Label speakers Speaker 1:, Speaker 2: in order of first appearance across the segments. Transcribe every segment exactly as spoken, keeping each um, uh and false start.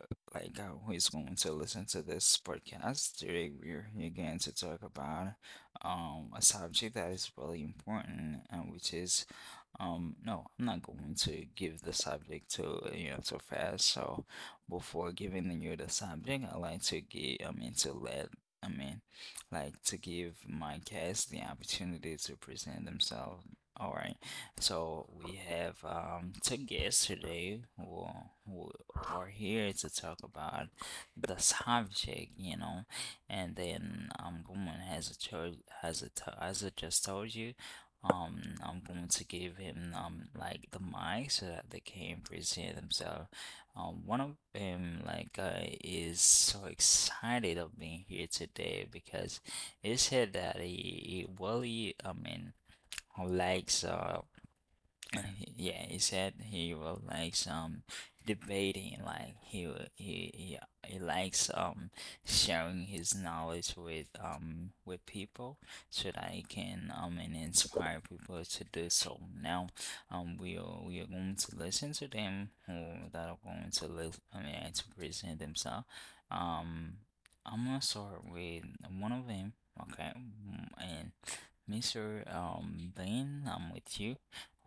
Speaker 1: uh, like uh, who is going to listen to this podcast. Today we're here again to talk about um a subject that is really important and which is um no, I'm not going to give the subject to you know too fast. So before giving you the subject, I like to give I mean to let I mean like to give my guests the opportunity to present themselves. All right. So we have um, two guests today who, who are here to talk about the subject, you know. And then I'm going has a cho- has a to- as I just told you, um, I'm going to give him um like the mic so that they can present themselves. Um, one of them like uh, is so excited of being here today because he said that he, he really, I mean, likes uh Yeah, he said he will like some debating, like he will- he he, he likes um sharing his knowledge with um with people so that he can um and inspire people to do so. Now, um we are we are going to listen to them who that are going to live I mean to present themselves. Um, I'm gonna start with one of them. Okay, Mm, and mister Um Ben, I'm with you.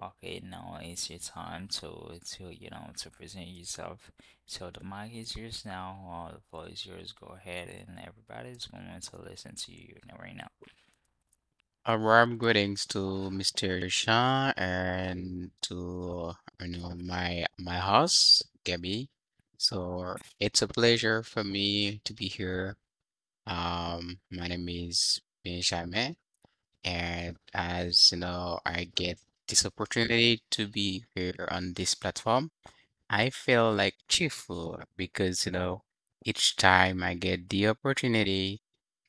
Speaker 1: Okay, now it's your time to to you know to present yourself. So the mic is yours now, uh, the floor is yours. Go ahead, and everybody's going to listen to you right now.
Speaker 2: A warm greetings to mister Sean and to you know my my host Gabby. So it's a pleasure for me to be here. Um, my name is Benjamin, and as you know, I get this opportunity to be here on this platform. I feel like cheerful because, you know, each time I get the opportunity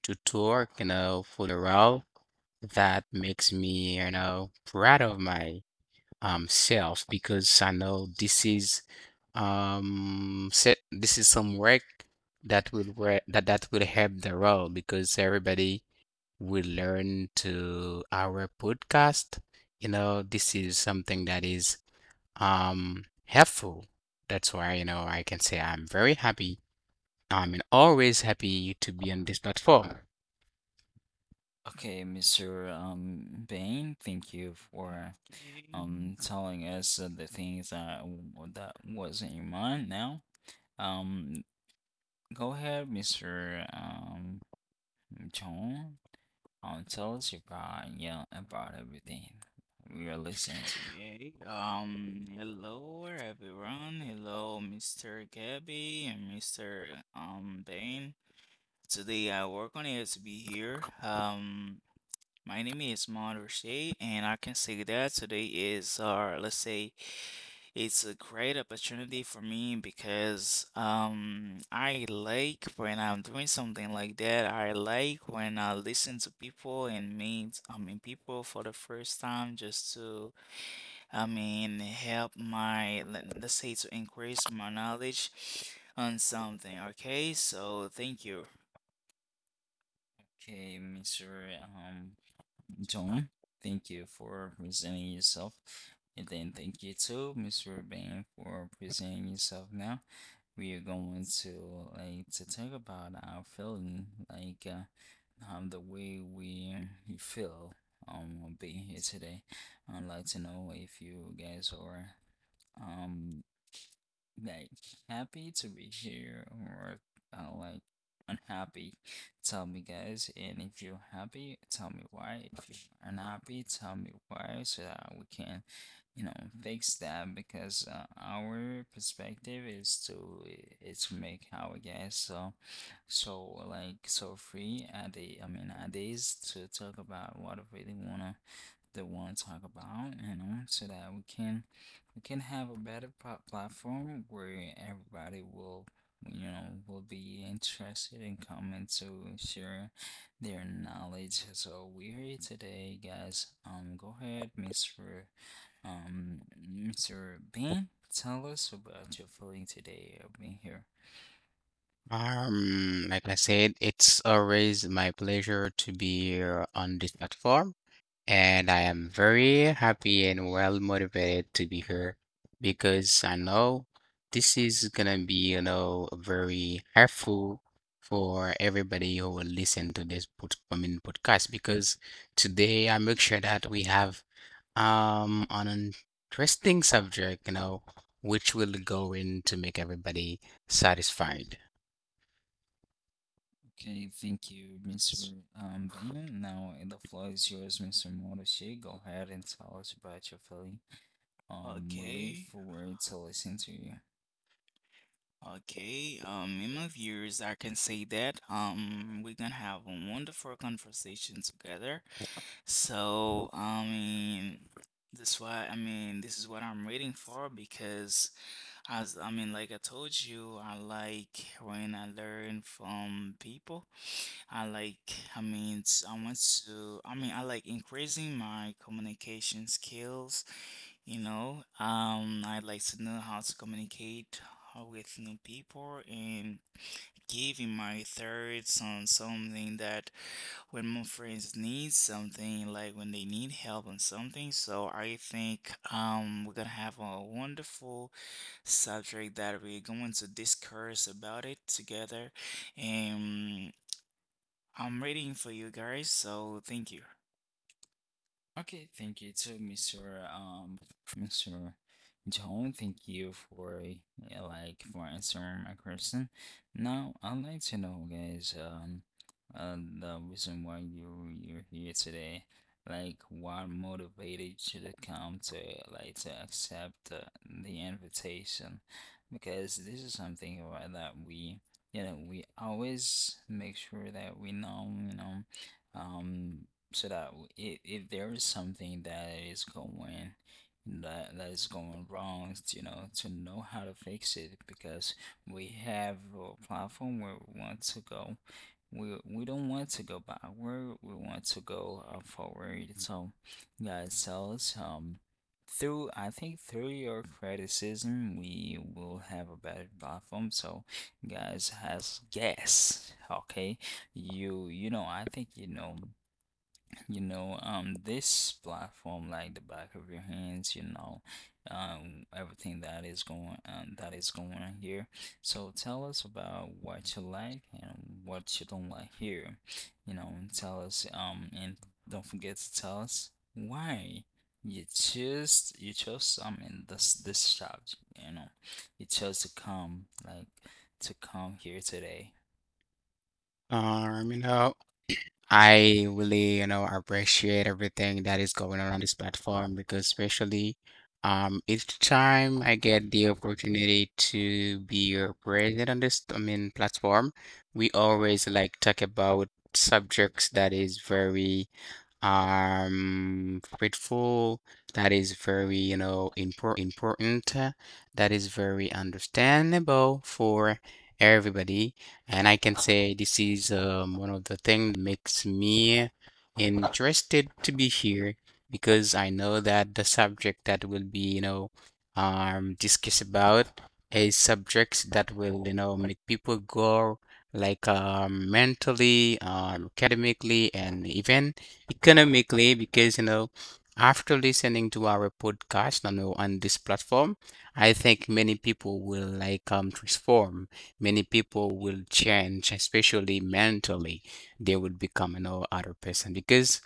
Speaker 2: to talk, you know, for the role, that makes me, you know, proud of my um self because I know this is um se- this is some work that will work that that will help the role because everybody will learn to our podcast. You know, this is something that is um helpful. That's why, you know, I can say I'm very happy. I'm always happy to be on this platform.
Speaker 1: Okay, mister Um Bain, thank you for
Speaker 3: Okay,
Speaker 1: um telling us uh, the things that w- that was in your mind. Now, um, go ahead, mister Um John, um, tell us about yeah about everything. We are listening to you.
Speaker 3: okay. Um, hello everyone. Hello, mister Gabby and mister Um Bain. Today I work on it to be here. Um, My name is Monroe, and I can say that today is, uh, let's say, it's a great opportunity for me because um, I like when I'm doing something like that. I like when I listen to people and meet, I mean, people for the first time just to, I mean, help my, let- let's say, to increase my knowledge on something. Okay, so thank you.
Speaker 1: Okay, mister Um, John, thank you for presenting yourself. And then thank you too, mister Bain, for presenting yourself now. We are going to like to talk about our feeling, like uh, um, the way we feel um being here today. I'd like to know if you guys are um like happy to be here or uh, like unhappy. Tell me, guys, and if you're happy tell me why, if you're unhappy tell me why so that we can, you know fix that because uh, our perspective is to is to make our guys so so like so free at the I mean at this to talk about what we really wanna they wanna talk about, you know, so that we can we can have a better pla- platform where everybody will, you know, will be interested in coming to share their knowledge. So we're here today, guys. Um, go ahead, mister Um, mister Ben, tell us about your feeling today of being here.
Speaker 2: Um, like I said, it's always my pleasure to be here on this platform, and I am very happy and well motivated to be here because I know this is gonna be, you know, very helpful for everybody who will listen to this pod, I mean, podcast because today I make sure that we have um an interesting subject, you know, which will go in to make everybody satisfied.
Speaker 1: Okay, thank you, mister Um, Ben. Now the floor is yours, mister Morishi. Go ahead and tell us about your feeling. Um, we look
Speaker 3: Okay.
Speaker 1: forward to listening to you.
Speaker 3: Okay, um, in my viewers, I can say that um, we're gonna have a wonderful conversation together. So, I mean, that's why I mean, this is what I'm waiting for because, as I mean, like I told you, I like when I learn from people. I like, I mean, s- I want to, I mean, I like increasing my communication skills. You know, um, I would like to know how to communicate uh, with new people and giving my thoughts on something that when my friends need something, like when they need help on something. So I think um, we're gonna have a wonderful subject that we're going to discuss about it together. And I'm waiting for you guys, so thank you.
Speaker 1: Okay, thank you too, mister Um, mister John. Thank you for yeah, like for answering my question. Now, I'd like to know, guys, um, uh, the reason why you you're here today, like what motivated you to come to like to accept uh, the invitation, because this is something about that we you know we always make sure that we know, you know um so that w- if, if there is something that is going that that is going wrong, you know, to know how to fix it because we have a platform where we want to go. We we don't want to go backward. We want to go uh, forward. So, guys, tell us um. Through, I think through your criticism, we will have a better platform. So, guys, has guess, okay? You, you know, I think you know, you know, um this platform like the back of your hands, you know, um everything that is going um, that is going on here. So tell us about what you like and what you don't like here, you know, and tell us um and don't forget to tell us why you chose you chose I mean this this subject, you know, you chose to come like to come here today.
Speaker 2: Um, you know, I really, you know, appreciate everything that is going on on this platform because especially um each time I get the opportunity to be your president on this, I mean, platform, we always like talk about subjects that is very um grateful, that is very, you know, important, uh, that is very understandable for everybody, and I can say this is um, one of the thing that makes me interested to be here because I know that the subject that will be, you know um discussed about is subjects that will, you know, make people grow like um mentally, um academically, and even economically because you know after listening to our podcast, you know, on this platform I think many people will like um transform, many people will change, especially mentally they will become, you know, other person because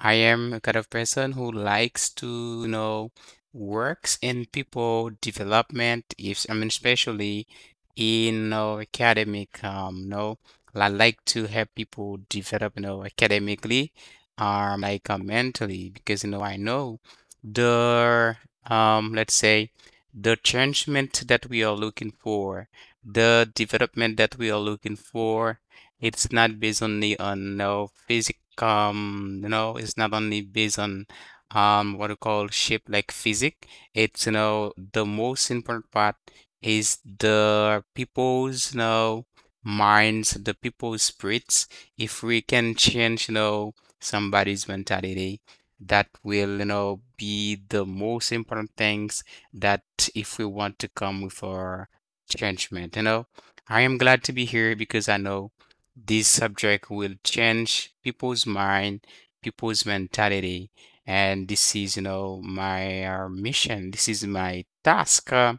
Speaker 2: I am a kind of person who likes to, you know, works in people development. If I mean especially in uh, academic, um you know, I like to help people develop, you know, academically, um like uh, mentally, because you know I know the um let's say the changement that we are looking for, the development that we are looking for, it's not based only on no physical um you know it's not only based on um what we call shape like physic. It's, you know, the most important part is the people's, you know, minds, the people's spirits. If we can change, you know, somebody's mentality, that will, you know, be the most important things that if we want to come with our changement, you know. I am glad to be here because I know this subject will change people's mind, people's mentality, and this is, you know, my uh, mission. This is my task uh,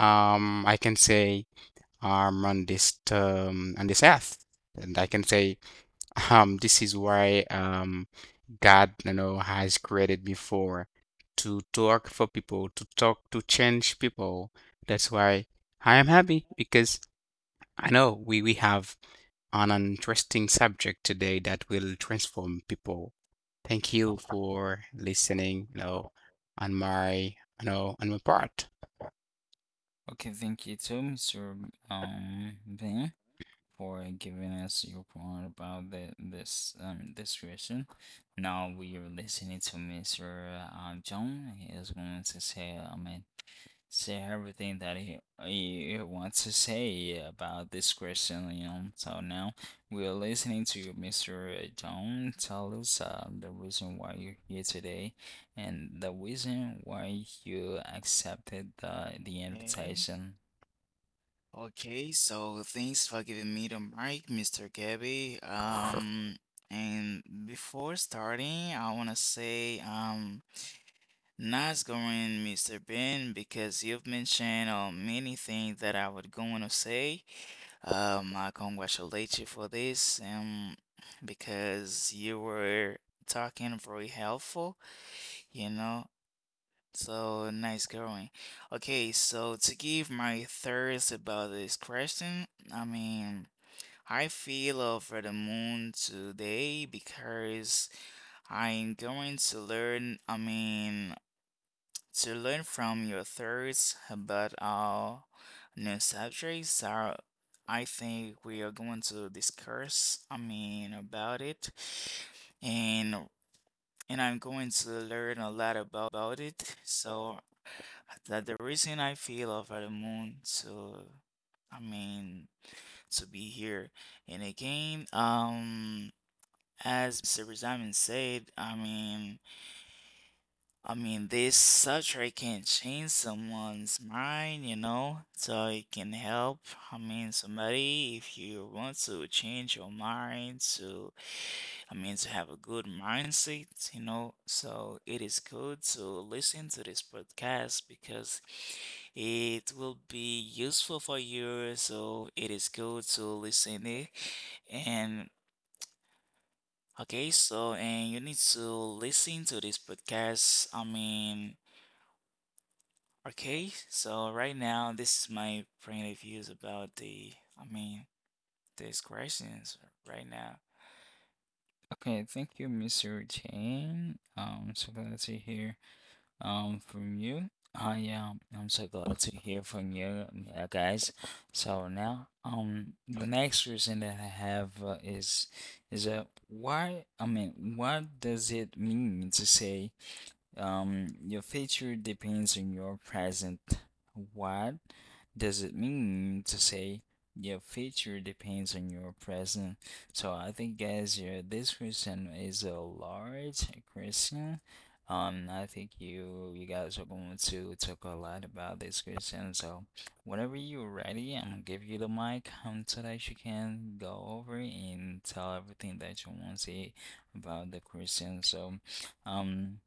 Speaker 2: um, I can say um on this um on this earth, and I can say um this is why um God, you know, has created before to talk for people, to talk to change people. That's why I am happy because I know we, we have an interesting subject today that will transform people. Thank you for listening, you know, on my, you know, on my part.
Speaker 1: Okay, thank you too, mister um Ben, for giving us your point about the, this um this question. Now we are listening to mister Uh, John. He is going to say, I mean, say everything that he, he wants to say about this question, you know. So now we are listening to you, mister John. Tell us uh, the reason why you're here today and the reason why you accepted the the
Speaker 3: Okay.
Speaker 1: invitation.
Speaker 3: Okay, so thanks for giving me the mic, mister Gabby. Um, and before starting, I want to say, um, nice going, mister Ben, because you've mentioned uh, many things that I would go on to say. Um, I congratulate you for this, um, because you were talking very helpful, you know. So nice going. Okay, so to give my thoughts about this question, I mean, I feel over the moon today because I'm going to learn, I mean, to learn from your thoughts about our new subjects. So I think we are going to discuss, I mean, about it. And and I'm going to learn a lot about it. So that the reason I feel over the moon to, I mean, to be here. And again, um, as mister Benjamin said, I mean, I mean, this subject can change someone's mind, you know, so it can help. I mean, somebody, if you want to change your mind to I mean, to have a good mindset, you know. So it is good to listen to this podcast because it will be useful for you. So it is good to listen it. And okay, so and you need to listen to this podcast. I mean, okay. So right now, this is my point of views about the. I mean, these questions right now.
Speaker 1: Okay, thank you, mister Jane. Um, so glad to hear um from you. I um, I'm so glad to hear from you, um, uh, guys. So now, um, the next question that I have uh, is is uh, why? I mean, what does it mean to say, um, your future depends on your present? What does it mean to say your future depends on your present? So I think, guys, yeah, this question is a large question. Um, I think you you guys are going to talk a lot about this question. So whenever you're ready, I'm gonna give you the mic, um, so that you can go over and tell everything that you want to say about the question. So, um.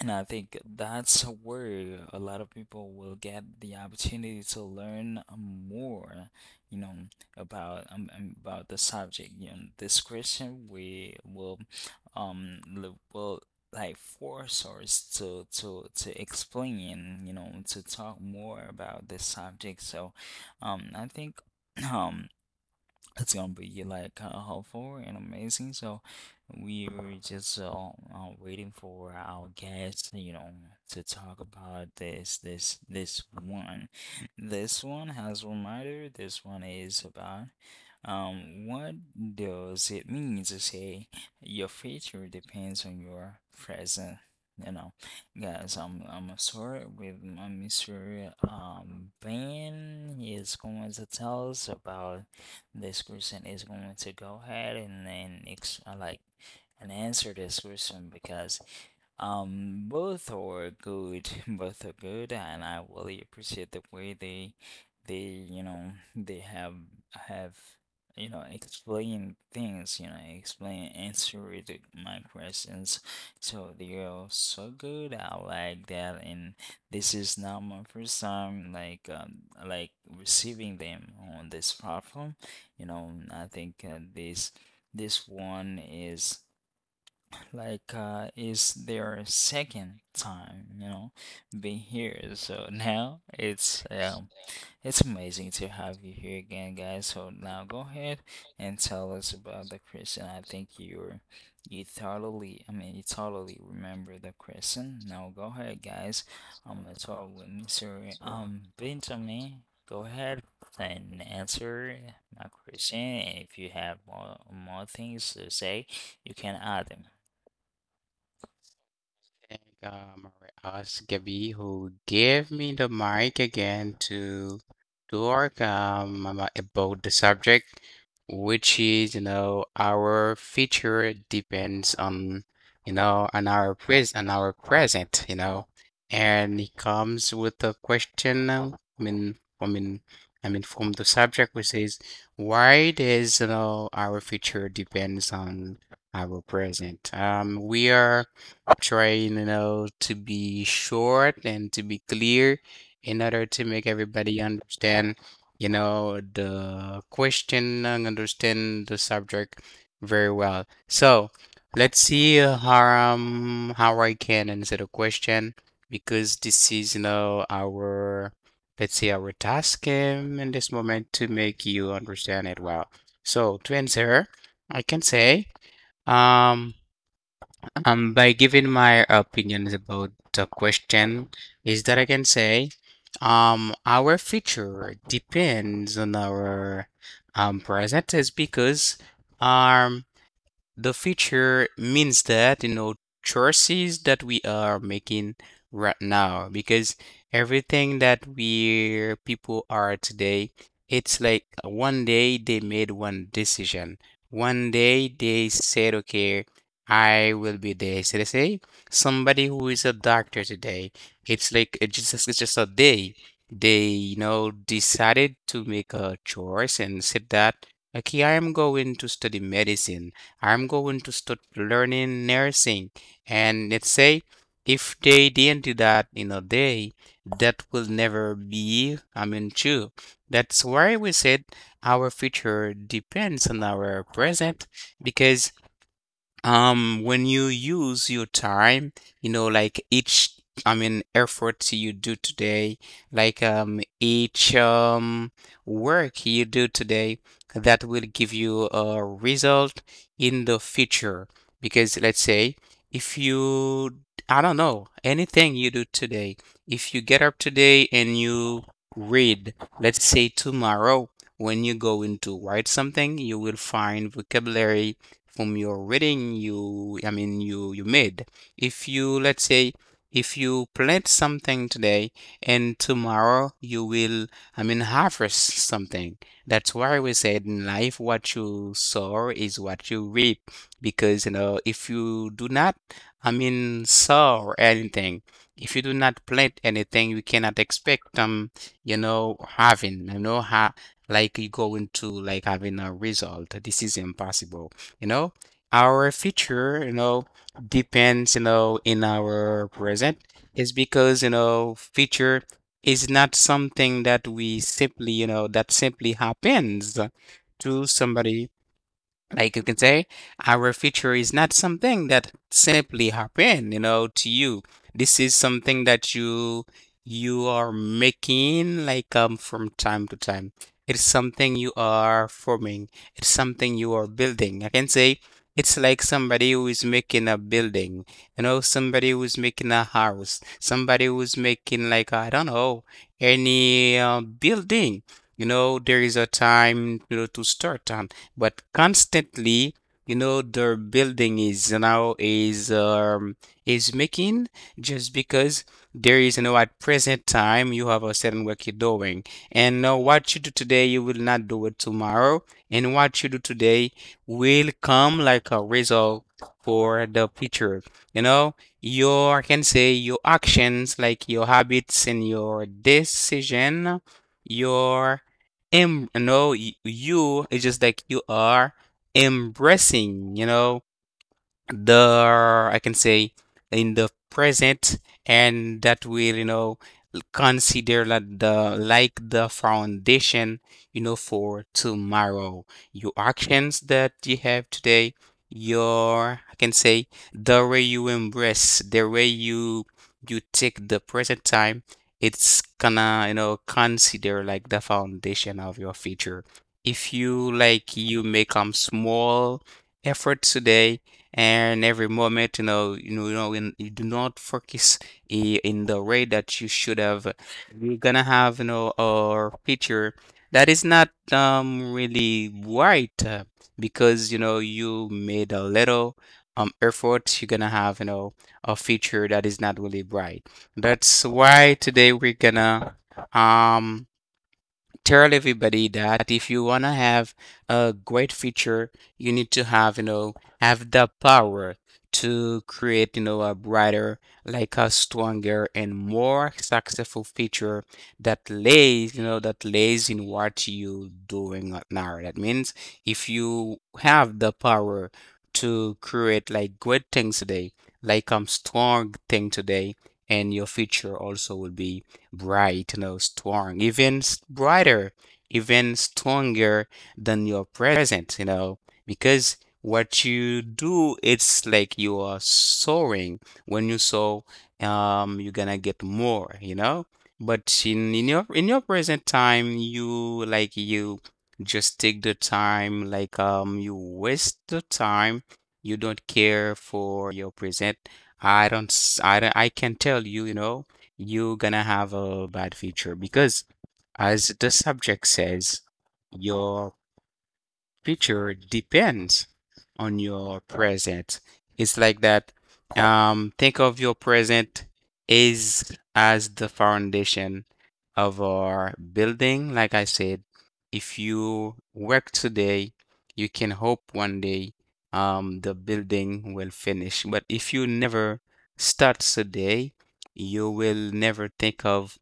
Speaker 1: And I think that's where a lot of people will get the opportunity to learn more, you know, about um, um, about the subject. You know, this question we will um l- will like force us to to to explain, you know, to talk more about this subject. So, um, I think it's gonna be like kind of helpful and amazing. So we were just uh, uh, waiting for our guest, you know, to talk about this this this one. This one has reminder. This one is about um what does it mean to say your future depends on your present. You know, guys, I'm I'm gonna start with my mister Um Ben. He is going to tell us about This person is going to go ahead and then ex- uh, like and answer this question because um both are good both are good, and I really appreciate the way they they, you know, they have have, you know, explain things you know explain answer it, my questions. So they are so good, I like that, and this is not my first time like um, like receiving them on this platform. You know, I think uh, this this one is like uh, it's their second time, you know, being here. So now it's um, it's amazing to have you here again, guys. So now go ahead and tell us about the question. I think you're you totally, I mean, you totally remember the question. Now go ahead, guys. I'm gonna talk with mister Um Benjamin. Go ahead and answer my question. And if you have more more things to say, you can add them.
Speaker 2: Thank uh, Marias Gabi who gave me the mic again to talk um, ama- about the subject, which is you know our future depends on you know on our pres on our present, you know, and it comes with a question. um, I mean, I mean, I mean from the subject, which is why does, you know, our future depends on our present. Um, we are trying, you know, to be short and to be clear in order to make everybody understand, you know, the question and understand the subject very well. So let's see uh, how um, how I can answer the question because this is, you know, our let's say our task um, in this moment to make you understand it well. So to answer, I can say, um. Um, by giving my opinions about the question, is that I can say, um, our future depends on our um present is because um the feature means that, you know, choices that we are making right now, because everything that we people are today, it's like one day they made one decision. One day they said, okay, I will be this. Let's say somebody who is a doctor today, it's like it's just it's just a day. They, you know, decided to make a choice and said that, okay, I am going to study medicine. I'm going to start learning nursing. And let's say if they didn't do that in a day, that will never be, I mean, true. That's why we said our future depends on our present because um, when you use your time, you know, like each, I mean, effort you do today, like um, each um, work you do today, that will give you a result in the future. Because let's say if you, I don't know, anything you do today, if you get up today and you read, let's say tomorrow, when you go into write something, you will find vocabulary from your reading you I mean you you made. If you let's say if you plant something today and tomorrow you will, I mean, harvest something. That's why we said in life what you sow is what you reap because you know if you do not, I mean, sow anything, if you do not plant anything, you cannot expect um you know having you know ha like you go into like having a result. This is impossible. You know, our future, you know, depends, you know, in our present is because you know future is not something that we simply, you know, that simply happens to somebody. Like you can say our future is not something that simply happen, you know, to you. This is something that you you are making, like um from time to time. It's something you are forming, it's something you are building. I can say it's like somebody who is making a building, you know, somebody who is making a house, somebody who is making, like I don't know, any uh, building. You know there is a time, you know, to start, um, but constantly, you know, their building is now is um, is making just because there is, you know, at present time you have a certain work you're doing, and uh, what you do today you will not do it tomorrow, and what you do today will come like a result for the future. You know, your, I can say your actions, like your habits and your decision, your em no, y you, it's just like you are embracing, you know, the, I can say, in the present, and that will, you know, consider like the like the foundation, you know, for tomorrow. Your actions that you have today, your, I can say, the way you embrace, the way you you take the present time, it's gonna, you know, consider like the foundation of your future. If you like you make some small effort today, and every moment, you know, you know you know when you do not focus i- in the way that you should have, you're gonna have, you know, a picture that is not um really right, uh, because you know you made a little um effort, you're gonna have, you know, a feature that is not really bright. That's why today we're gonna um tell everybody that if you want to have a great future, you need to have, you know, have the power to create, you know, a brighter, like a stronger and more successful future that lays, you know, that lays in what you're doing right now. That means if you have the power to create like great things today, like um strong thing today, and your future also will be bright, you know, strong, even s- brighter, even stronger than your present, you know, because what you do, it's like you are soaring. When you soar, um, you're gonna get more, you know. But in, in your in your present time, you like you just take the time, like um, you waste the time. You don't care for your present. I don't, s- I don't, I can tell you, you know, you are gonna have a bad feature because as the subject says, your future depends on your present. It's like that. Um, think of your present is as the foundation of our building. Like I said, if you work today, you can hope one day um, the building will finish. But if you never start today, you will never think of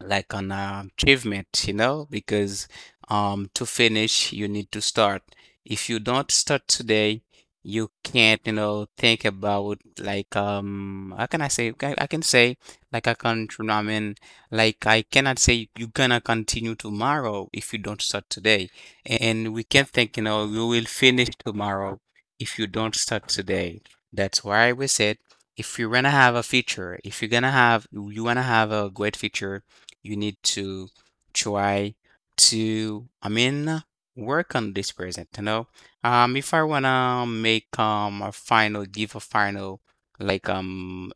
Speaker 2: like an uh, achievement, you know, because um, to finish, you need to start. If you don't start today, you can't, you know, think about like um, how can I say? Can- I can say like I can't. I mean, like I cannot say you're gonna continue tomorrow if you don't start today, and we can't think, you know, you will finish tomorrow if you don't start today. That's why we said if you're gonna have a feature, if you're gonna have you wanna have a great feature, you need to try to, I mean, work on this present, you know. Um, if I wanna make um a final, give a final like um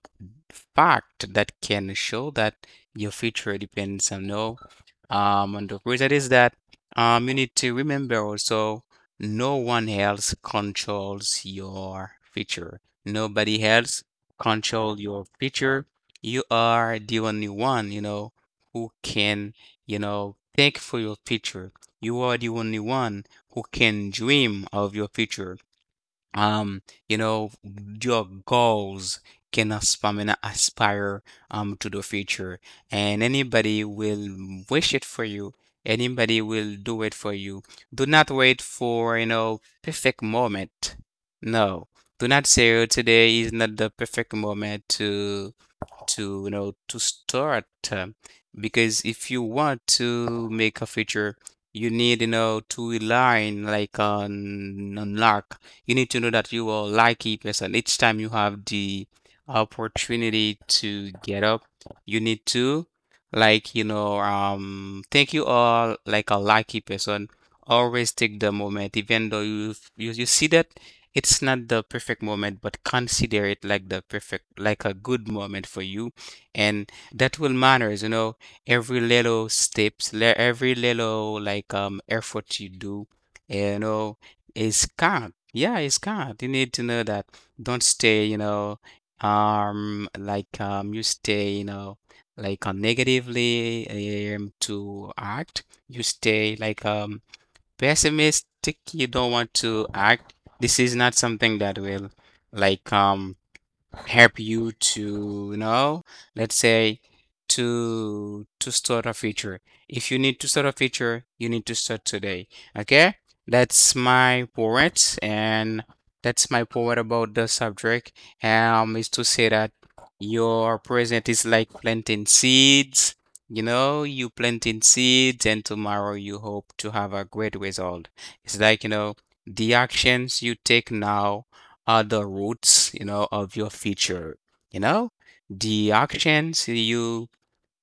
Speaker 2: fact that can show that your future depends on no um, and the reason is that um, you need to remember also no one else controls your future. Nobody else control your future. You are the only one, you know, who can, you know, think for your future. You are the only one who can dream of your future. Um, you know, your goals can aspire, aspire um to the future, and anybody will wish it for you. Anybody will do it for you. Do not wait for, you know, perfect moment. No, do not say, "Oh, today is not the perfect moment to to you know to start, uh, because if you want to make a feature, you need you know to align like on, on, luck. You need to know that you are a lucky person each time you have the opportunity to get up. You need to like you know um think you are like a lucky person. Always take the moment, even though you you, you see that it's not the perfect moment, but consider it like the perfect, like a good moment for you, and that will matters. You know, every little steps, le- every little like um effort you do, eh, you know, is count. Yeah, it's count. You need to know that. Don't stay, you know, um, like um, you stay, you know, like uh, negatively, um, to act. You stay like um pessimistic. You don't want to act. This is not something that will like um help you to, you know let's say, to to start a feature. If you need to start a feature, you need to start today. Okay, that's my point. And that's my point about the subject, um is to say that your present is like planting seeds, you know you planting seeds, and tomorrow you hope to have a great result. It's like, you know the actions you take now are the roots, you know, of your future, you know? The actions you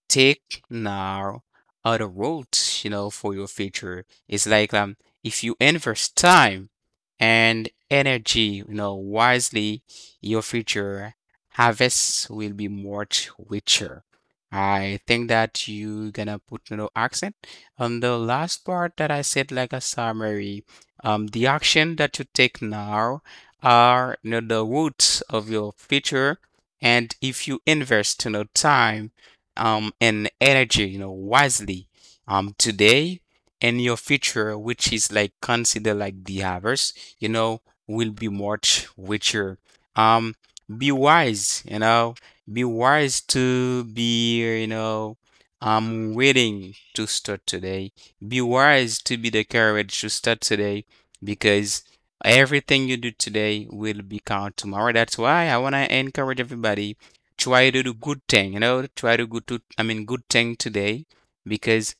Speaker 2: take now other routes, you know, for your future. It's like, um, if you invest time and energy, you know, wisely, your future harvests will be much richer. I think that you gonna put no accent on the last part that I said, like a summary. Um, the action that you take now are, you know, the roots of your future, and if you invest, you know time, um, and energy, you know, wisely, um, today and your future, which is like considered like the harvest, you know, will be much richer. Um, be wise, you know, be wise to be, you know, um, willing to start today. Be wise to be the courage to start today, because everything you do today will be count tomorrow. That's why I want to encourage everybody try to do good thing, you know, try to go to, I mean, good thing today, because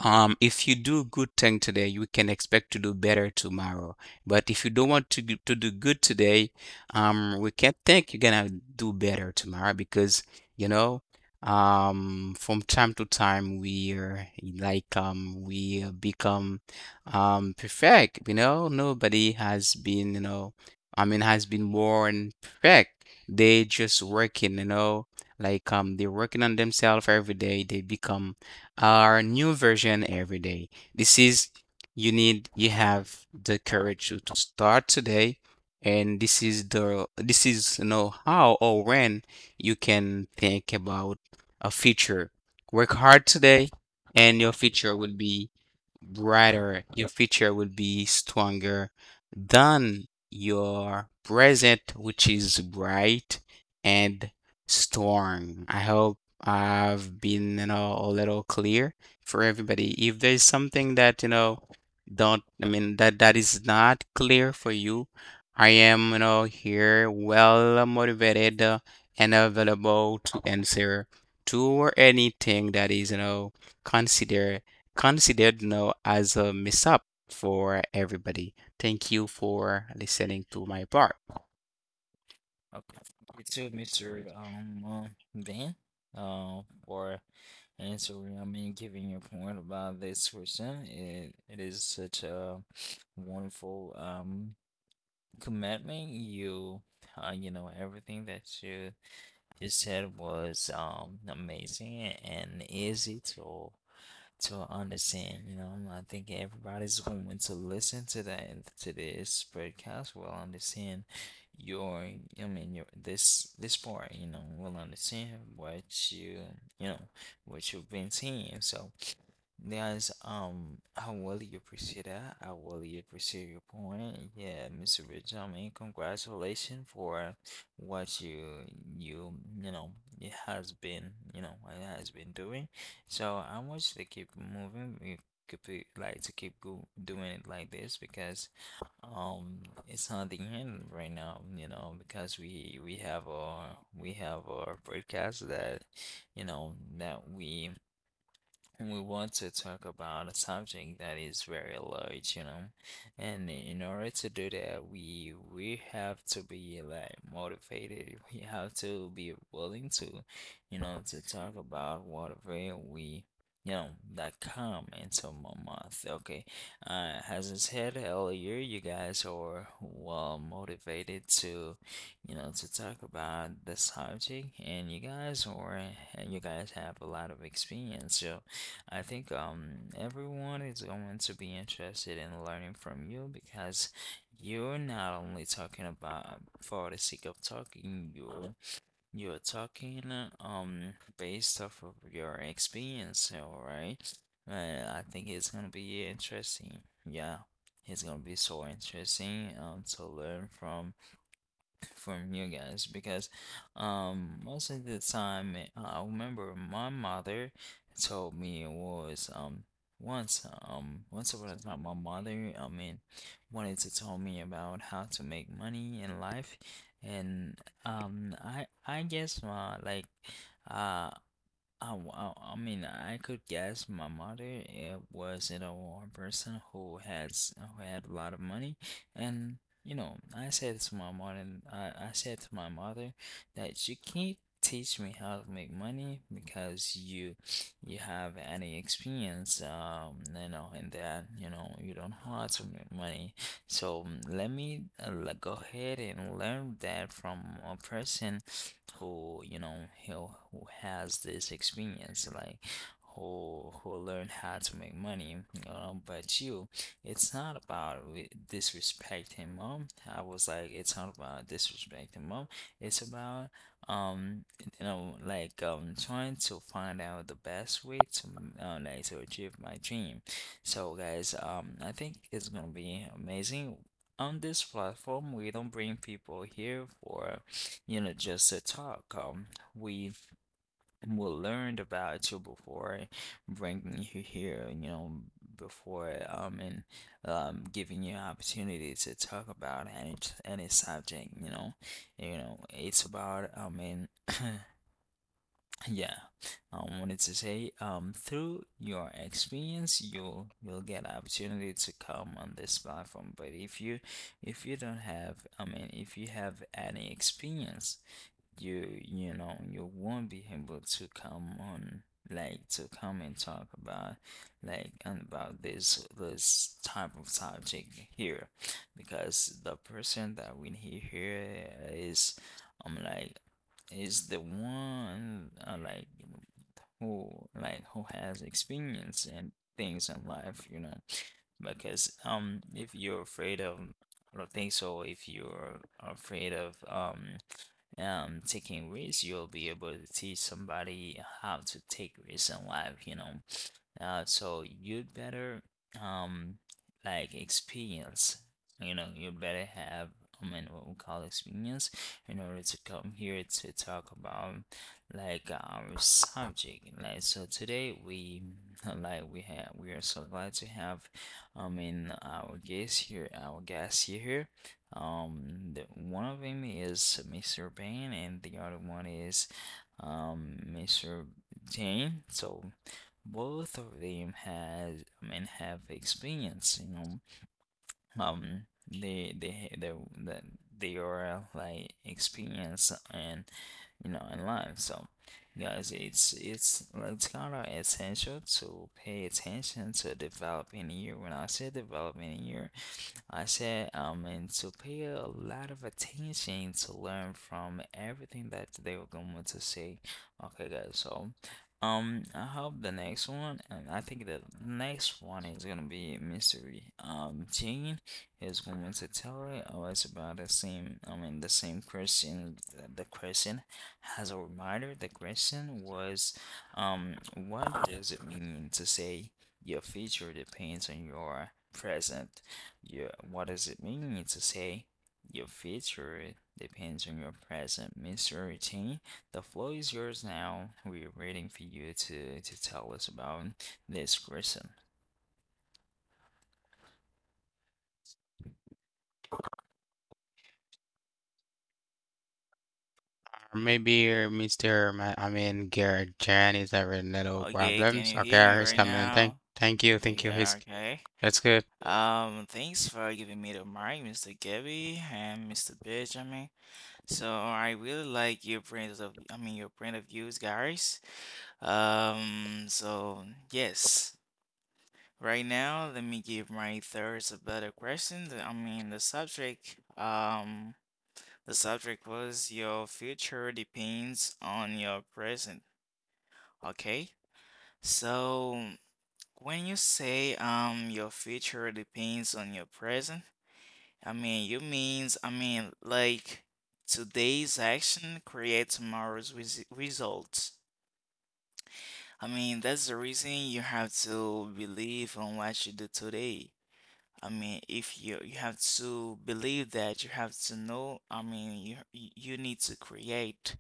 Speaker 2: um, if you do good thing today, you can expect to do better tomorrow. But if you don't want to do, to do good today, um, we can't think you're gonna do better tomorrow because, you know, um, from time to time we are like um we become um perfect. You know, nobody has been, you know, I mean, has been born perfect. They just working, you know, like um they're working on themselves every day. They become our new version every day. This is you need you have the courage to, to start today, and this is the this is you know how or when you can think about a future. Work hard today and your future will be brighter, your future will be stronger than your present, which is bright and strong. I hope I've been, you know, a little clear for everybody. If there's something that, you know, don't, I mean, that that is not clear for you, I am, you know, here well motivated, uh, and available to answer to anything that is, you know, considered considered now as a mess up for everybody. Thank you for listening to my part.
Speaker 1: Okay, thank you too, mister Um, uh, Ben, uh, for answering, I mean, giving your point about this question. It, it is such a wonderful um commitment. You, uh, you know, everything that you you said was um amazing and easy to to understand. You know, I think everybody's going to listen to that to this podcast will understand your, I mean, your this this part. You know, will understand what you you know what you've been seeing. So yes, um, I really appreciate that. I really appreciate your point. Yeah, mister Rich, I mean, congratulations for what you you you know it has been, you know, what it has been doing. So I want you to keep moving. We could be, like, to keep go doing it like this because um it's not the end right now. You know, because we we have our we have our broadcast that, you know, that we we want to talk about a subject that is very large, you know. And in order to do that, we we have to be like motivated. We have to be willing to, you know, to talk about whatever we, you know, that come into my month. Okay. Uh, as I said earlier, you guys are well motivated to, you know, to talk about the subject, and you guys are, and you guys have a lot of experience. So I think um everyone is going to be interested in learning from you because you're not only talking about for the sake of talking, you you're talking uh, um based off of your experience, all right? And I think it's gonna be interesting. Yeah, it's gonna be so interesting um to learn from from you guys because um most of the time uh, I remember my mother told me it was um once um once upon a time my mother I mean wanted to tell me about how to make money in life, and um I I guess my like uh Oh, wow. I mean, I could guess my mother, it was you know, a person who has who had a lot of money, and you know, I said to my mother, I, I said to my mother that you can't teach me how to make money because you you have any experience, um, you know, in that, you know, you don't know how to make money. So mm, let me uh, le- go ahead and learn that from a person who you know who, who has this experience, like who who learn how to make money, um, but you it's not about re- disrespecting mom. I was like, it's not about disrespecting mom, it's about um you know, like um trying to find out the best way to m- uh, like to achieve my dream. So guys, um I think it's gonna be amazing. On this platform we don't bring people here for you know, just a talk. Um, we we learned about you before bringing you here, you know, before um and um giving you opportunity to talk about any any subject, you know, you know, it's about I mean, yeah, I wanted to say um through your experience, you'll you'll get opportunity to come on this platform. But if you if you don't have, I mean, if you have any experience, you you know you won't be able to come on, like to come and talk about like and about this this type of subject here, because the person that we need here is I'm like is the one uh, like who like who has experience and things in life, you know. Because um if you're afraid of I don't think so, if you're afraid of um um taking risks, you'll be able to teach somebody how to take risks in life, you know. Uh, so you'd better um like experience, you know, you better have I mean what we call experience in order to come here to talk about like our subject. Like so today we like we have we are so glad to have I mean our guest here, our guest here. Um the, one of them is mister Bain and the other one is um mister Jane. So both of them has I mean have experience, you know. um they they they, they they are like experience and you know in life. So guys, it's it's it's kind of essential to pay attention to developing year. When I say developing year I said, um, and to pay a lot of attention to learn from everything that they were going to say. Okay guys, so um, I hope the next one, and I think the next one is gonna be mystery. Um, Jane is going to tell it always about the same. I mean, the same question. The question, as a reminder, the question was, um, what does it mean to say your future depends on your present? Yeah, what does it mean to say your future depends on your present? mister Routine, the floor is yours now. We're waiting for you to to tell us about this question.
Speaker 2: Maybe uh, Mister Ma- I mean, Garrett Jan is having little
Speaker 3: Okay, can
Speaker 2: problems.
Speaker 3: you hear me
Speaker 2: Okay, he's
Speaker 3: right
Speaker 2: coming. Thank,
Speaker 3: now?
Speaker 2: thank you,
Speaker 3: Oh,
Speaker 2: thank you. He's
Speaker 3: yeah, okay.
Speaker 2: that's good.
Speaker 3: Um, thanks for giving me the mic, mister Gabby and mister Benjamin. So I really like your point of, I mean, your point of views, guys. Um, so yes, right now let me give my thoughts about the question. The- I mean, the subject. Um, the subject was your future depends on your present. Okay, so when you say um your future depends on your present. I mean, you means, I mean, like today's action creates tomorrow's res results. I mean, that's the reason you have to believe on what you do today. I mean, if you you have to believe that, you have to know, I mean, you you need to create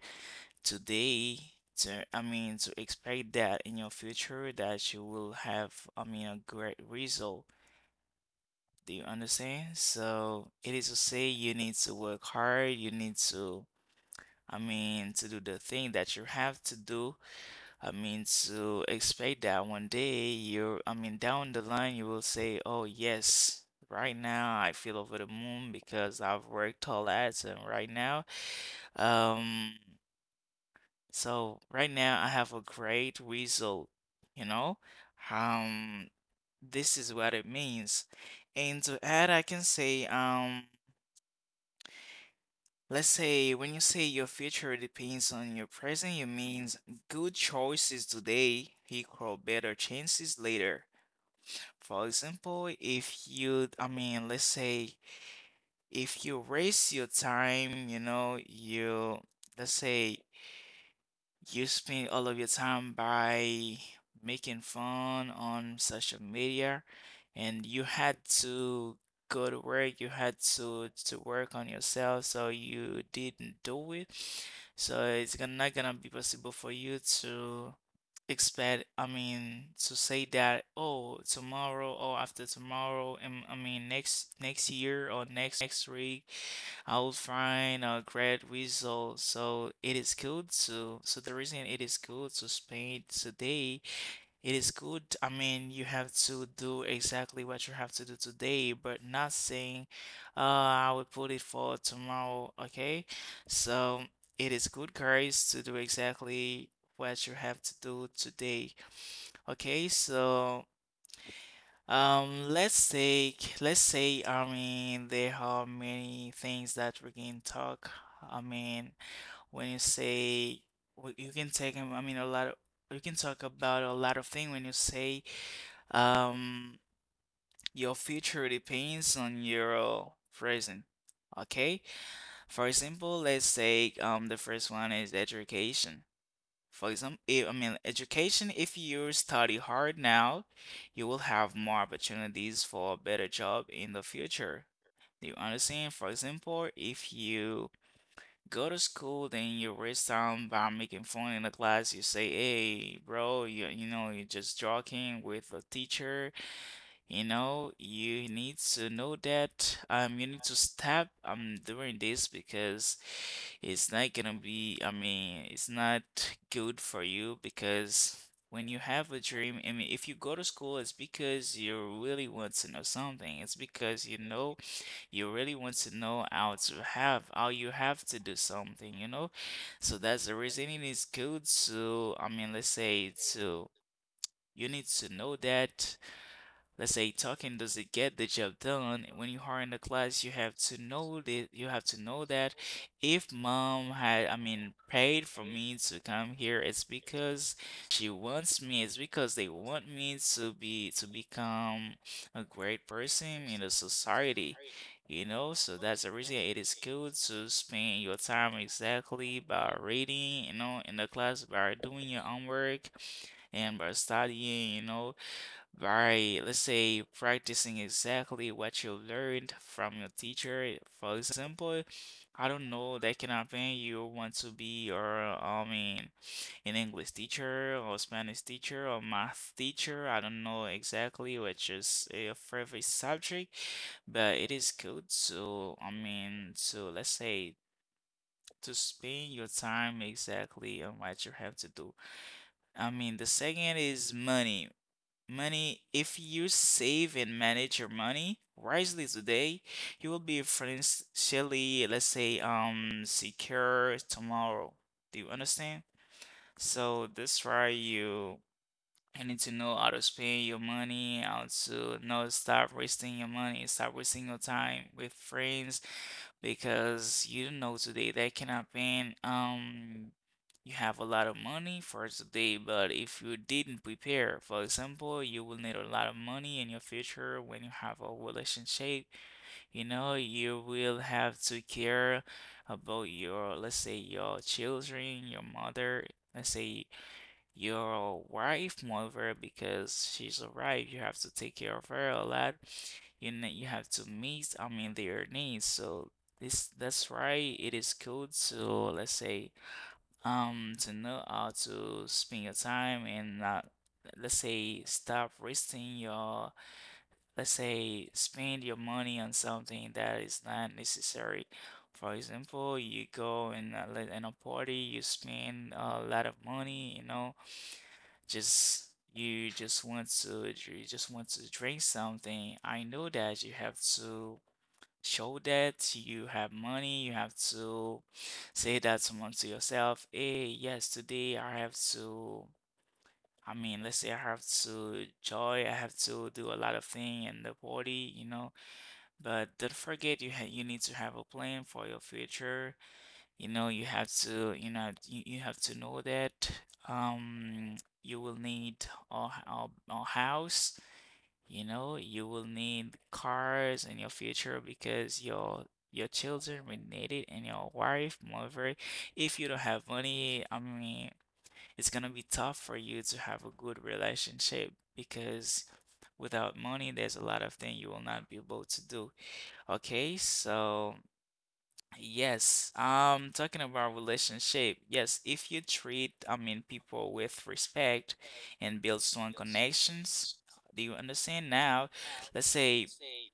Speaker 3: today to, I mean, to expect that in your future that you will have, I mean, a great result. Do you understand? So it is to say you need to work hard, you need to, I mean, to do the thing that you have to do. I mean, to expect that one day you're, I mean, down the line you will say, oh, yes, right now I feel over the moon because I've worked all that. And right now, um, so right now I have a great result, you know? Um, this is what it means. And to add, I can say, um, let's say when you say your future depends on your present, you means good choices today equal better chances later. For example, if you, I mean, let's say if you raise your time, you know, you, let's say you spend all of your time by making fun on social media, and you had to go to work. You had to to work on yourself, so you didn't do it. So it's gonna, not gonna be possible for you to expect, I mean, to say that, oh, tomorrow or after tomorrow, um, I mean, next next year or next week I will find a great result. So it is good to, so that's the reason it is good to spend today. It is good, I mean, you have to do exactly what you have to do today, but not saying, uh, I will put it for tomorrow, okay? So it is good, guys, to do exactly what you have to do today, okay? So um, let's take, let's say, I mean, there are many things that we can talk. I mean, when you say, w- you can take, um, I mean, a lot of, you can talk about a lot of things when you say, um, your future depends on your present. Okay? For example, let's say, um, the first one is education. For example, if, I mean, education, if you study hard now, you will have more opportunities for a better job in the future. Do you understand? For example, if you go to school, then you waste time by making fun in the class, you say, hey, bro, you, you know, you're just joking with the teacher. You know, you need to know that um you need to stop um doing this because it's not gonna be, I mean, it's not good for you because when you have a dream, I mean, if you go to school, it's because you really want to know something. It's because you know you really want to know how to have how you have to do something, you know? So that's the reason it is good to, I mean, let's say to you need to know that let's say talking doesn't get the job done. When you are in the class, you have to know that you have to know that if mom had, I mean, paid for me to come here, it's because she wants me. It's because they want me to be to become a great person in the society. You know, so that's the reason it is good to spend your time exactly by reading, you know, in the class, by doing your homework and by studying, you know. By let's say practicing exactly what you learned from your teacher. For example, I don't know, that can happen. You want to be, or I mean, an English teacher, or Spanish teacher, or math teacher. I don't know exactly which is your favorite subject, but it is good. So, I mean, so let's say to spend your time exactly on what you have to do. I mean, the second is money. Money, if you save and manage your money wisely today, you will be financially, let's say, um, secure tomorrow. Do you understand? So that's why you I need to know how to spend your money, how to not start wasting your money, start wasting your time with friends because you don't know today that can happen. Um, you have a lot of money for today, but if you didn't prepare, for example, you will need a lot of money in your future when you have a relationship. You know, you will have to care about your, let's say, your children, your mother. Let's say your wife mover because she's arrived. You have to take care of her a lot. You know, you have to meet, I mean, their needs. So this that's why it is good to let's say um to know how to spend your time and not let's say stop wasting your let's say spend your money on something that is not necessary. For example, you go and uh, like, in a party, you spend a lot of money, you know just you just want to you just want to drink something, I know that you have to show that you have money, you have to say that someone to yourself, hey, yes, today I have to I mean, let's say I have to joy, I have to do a lot of thing in the party, you know, but don't forget you ha you need to have a plan for your future. You know, you have to, you know, you, you have to know that um you will need a a a house, you know, you will need cars in your future because your your children will need it and your wife, moreover, if you don't have money, I mean, it's gonna be tough for you to have a good relationship because without money, there's a lot of things you will not be able to do. Okay, so yes, um, talking about relationship, yes, if you treat, I mean, people with respect and build strong connections, do you understand now? Let's say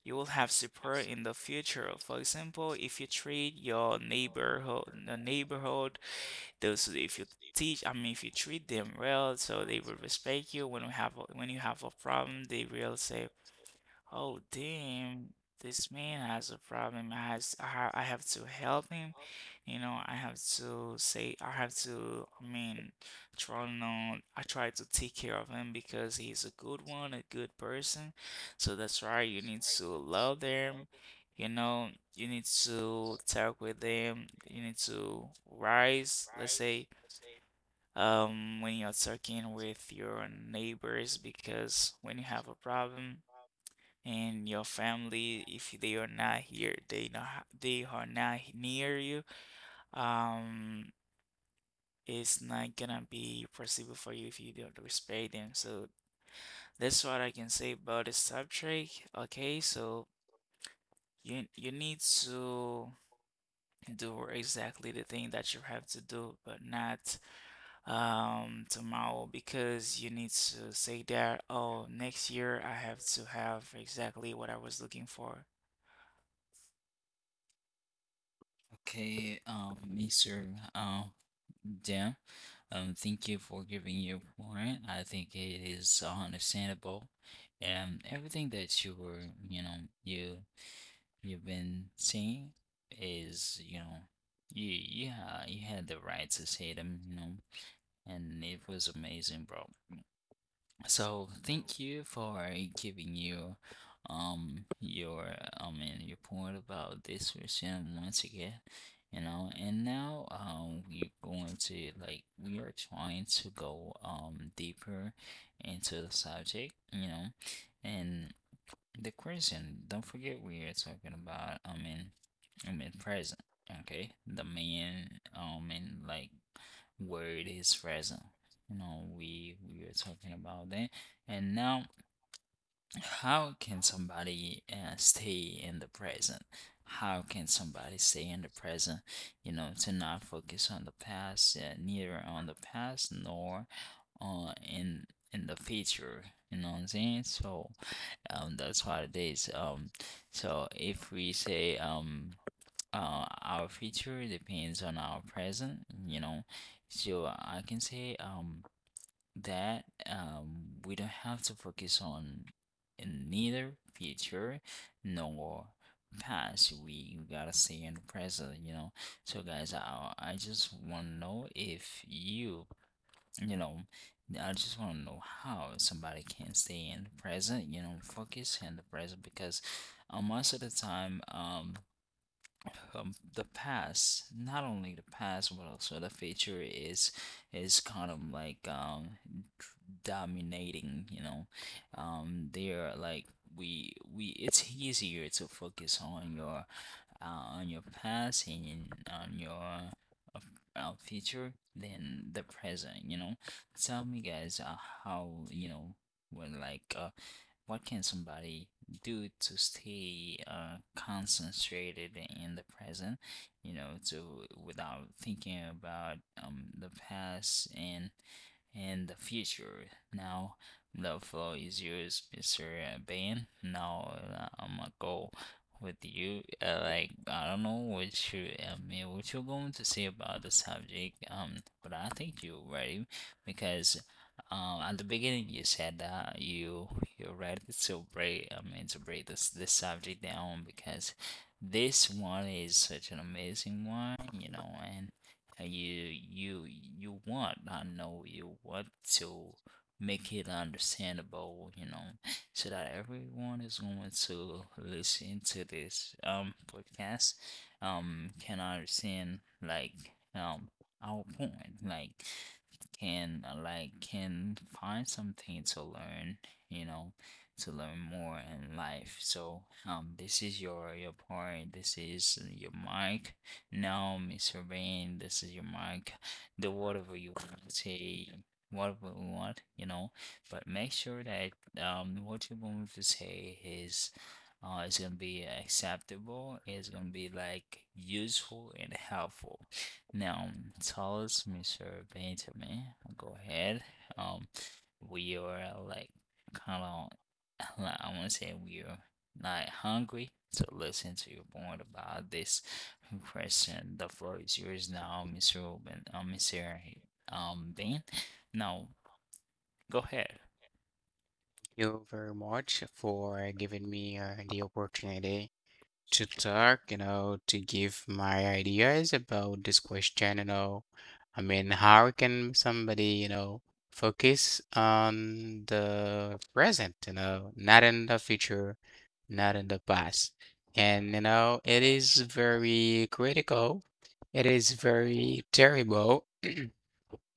Speaker 3: you will have support in the future. For example, if you treat your neighborhood, the neighborhood, those if you teach, I mean, if you treat them well, so they will respect you. When you have a, when you have a problem, they will say, oh, damn. This man has a problem. I has I ha- I have to help him. You know, I have to say I have to, I mean, try on I try to take care of him because he's a good one, a good person. So that's why you need to love them. You know, you need to talk with them. You need to rise, let's say, um, when you're talking with your neighbors because when you have a problem and your family if they are not here they not ha- they are not near you um it's not gonna be possible for you if you don't respect them so that's what I can say about the subject okay so you you need to do exactly the thing that you have to do but not um tomorrow because you need to say that oh next year I have to have exactly what I was looking for.
Speaker 1: Okay, um, mister Uh, Dan, um, thank you for giving your point. I think it is understandable, and everything that you were, you know, you you've been saying is, you know, you yeah, you had the right to say them, you know, and it was amazing, bro. So thank you for giving you um your I mean your point about this version once again, you know. And now um we're going to like we are trying to go um deeper into the subject, you know, and the question, don't forget we are talking about, I mean, I mean present, okay? The main, I mean, like word is present. You know, we we are talking about that. And now, how can somebody uh, stay in the present? How can somebody stay in the present? You know, to not focus on the past, uh, neither on the past nor uh, in in the future. You know what I'm saying? So um, that's what it is. Um, so if we say um, uh, our future depends on our present, you know, so I can say um, that um, we don't have to focus on neither future nor past. We, we gotta stay in the present, you know. So guys, I, I just want to know if you you know, I just want to know how somebody can stay in the present, you know, focus in the present, because uh, most of the time, um, um, the past, not only the past, but also the future is is kind of like um dominating, you know. Um, they are like we we it's easier to focus on your uh, on your past and in- on your uh, uh, future than the present, you know. Tell me guys, uh, how you know when like uh, what can somebody do to stay uh, concentrated in the present, you know, to without thinking about um, the past and in the future. Now, the floor is yours, mister Ben. Now, uh, I'm gonna go with you. Uh, like, I don't know what you, I mean, what you're going to say about the subject, um, but I think you're ready because. Um, at the beginning, you said that you you're ready to break. I mean, to break this this subject down, because this one is such an amazing one, you know, and and you you you want, I know you want to make it understandable, you know, so that everyone is going to listen to this um podcast, um can understand like um our point, like can uh, like can find something to learn, you know, to learn more in life. So um this is your your part, this is your mic. No, mister Bean, this is your mic. Do whatever you want, to say whatever you want, you know. But make sure that um what you want to say is uh is gonna be acceptable. It's gonna be like useful and helpful. Now tell us, mister Bean to me. Go ahead. Um we are like kind of I want to say we are not hungry to listen to your point about this question. The floor is yours now, mister Ruben. Um, mister Um, Ben. Now, go ahead.
Speaker 2: Thank you very much for giving me uh, the opportunity to talk, you know, to give my ideas about this question, you know. I mean, how can somebody, you know, focus on the present, you know, not in the future, not in the past. And, you know, it is very critical. It is very terrible.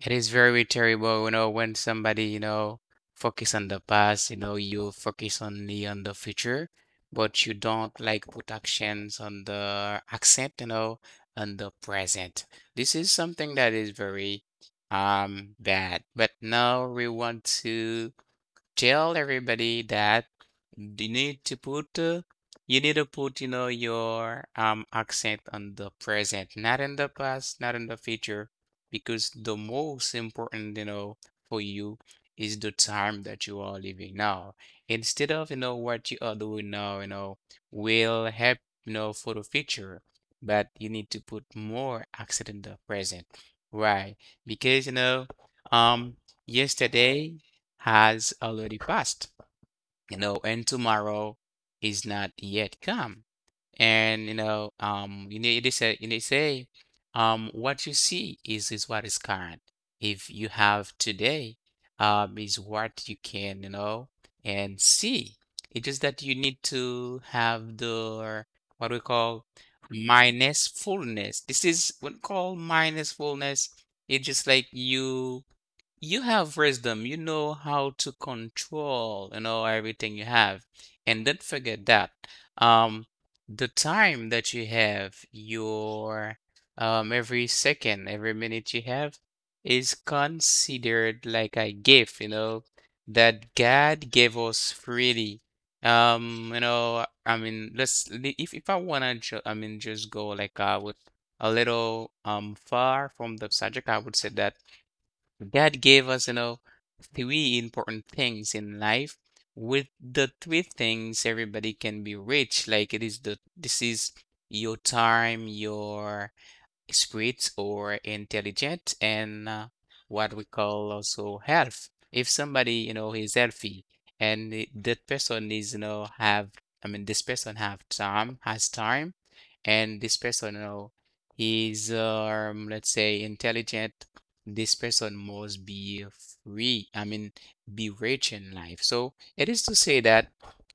Speaker 2: It is very terrible, you know, when somebody, you know, focus on the past, you know, you focus on the on the future, but you don't like put actions on the accent, you know, on the present. This is something that is very um bad. But now we want to tell everybody that you need to put uh, you need to put, you know, your um accent on the present, not in the past, not in the future, because the most important, you know, for you is the time that you are living now. Instead of, you know, what you are doing now, you know, will help, you know, for the future, but you need to put more accent in the present. Why? Because, you know, um, yesterday has already passed, you know, and tomorrow is not yet come. And you know, um, you need they say, you need to say, um, what you see is is what is current. If you have today, um, is what you can, you know, and see. It's just that you need to have the what we call minus fullness. This is what we call minus fullness. It's just like you you have wisdom. You know how to control, you know, everything you have. And don't forget that. Um, the time that you have, your um, every second, every minute you have is considered like a gift, you know, that God gave us freely. Um, you know, I mean, let's li- if if I wanna ju I mean just go like I would a little um far from the subject, I would say that God gave us, you know, three important things in life. With the three things, everybody can be rich. Like it is the this is your time, your spirit or intelligent, and uh, what we call also health. If somebody, you know, is healthy and i- that person is, you know, have, I mean, this person have time, has time, and this person, you know, is, um, let's say, intelligent. This person must be free, I mean, be rich in life. So it is to say that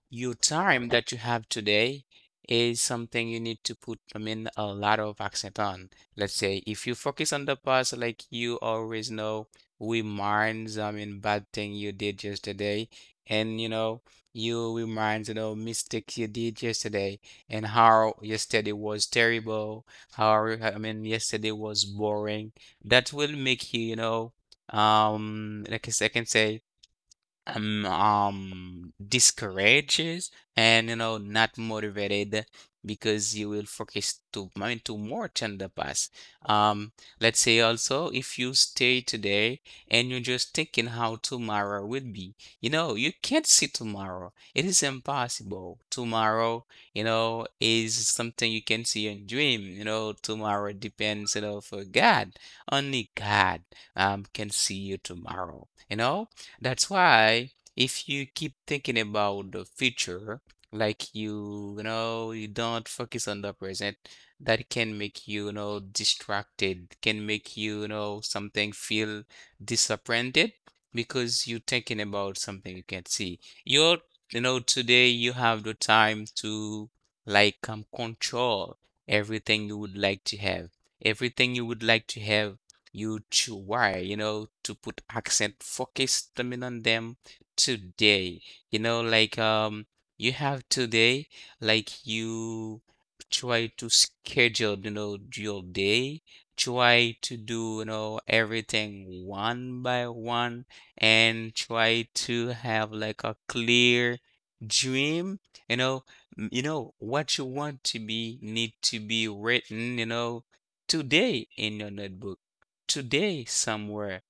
Speaker 2: your time that you have today is something you need to put, I mean, a lot of accent on. Let's say if you focus on the past, like you always know, reminds, I mean, bad thing you did yesterday, and you know, you reminds, you know, mistakes you did yesterday, and how yesterday was terrible, how, I mean, yesterday was boring. That will make you, you know, um, like I s- I can say um, um discourages, and you know not motivated, because you will focus to, I mean, to more than the past. um let's say also, if you stay today and you're just thinking how tomorrow will be, you know you can't see tomorrow. It is impossible tomorrow, you know is something you can see and dream, you know tomorrow depends, you know for God only God um can see you tomorrow, you know that's why if you keep thinking about the future, like you, you know, you don't focus on the present, that can make you, you know, distracted, can make you, you know, something feel disappointed because you're thinking about something you can't see. You're, you know, today you have the time to like, um, control everything you would like to have, everything you would like to have you to why, you know, to put accent, focus them on them today. You know, like um you have today, like you try to schedule, you know, your day, try to do, you know, everything one by one, and try to have like a clear dream, you know, m- you know what you want to be need to be written, you know, today in your notebook today somewhere.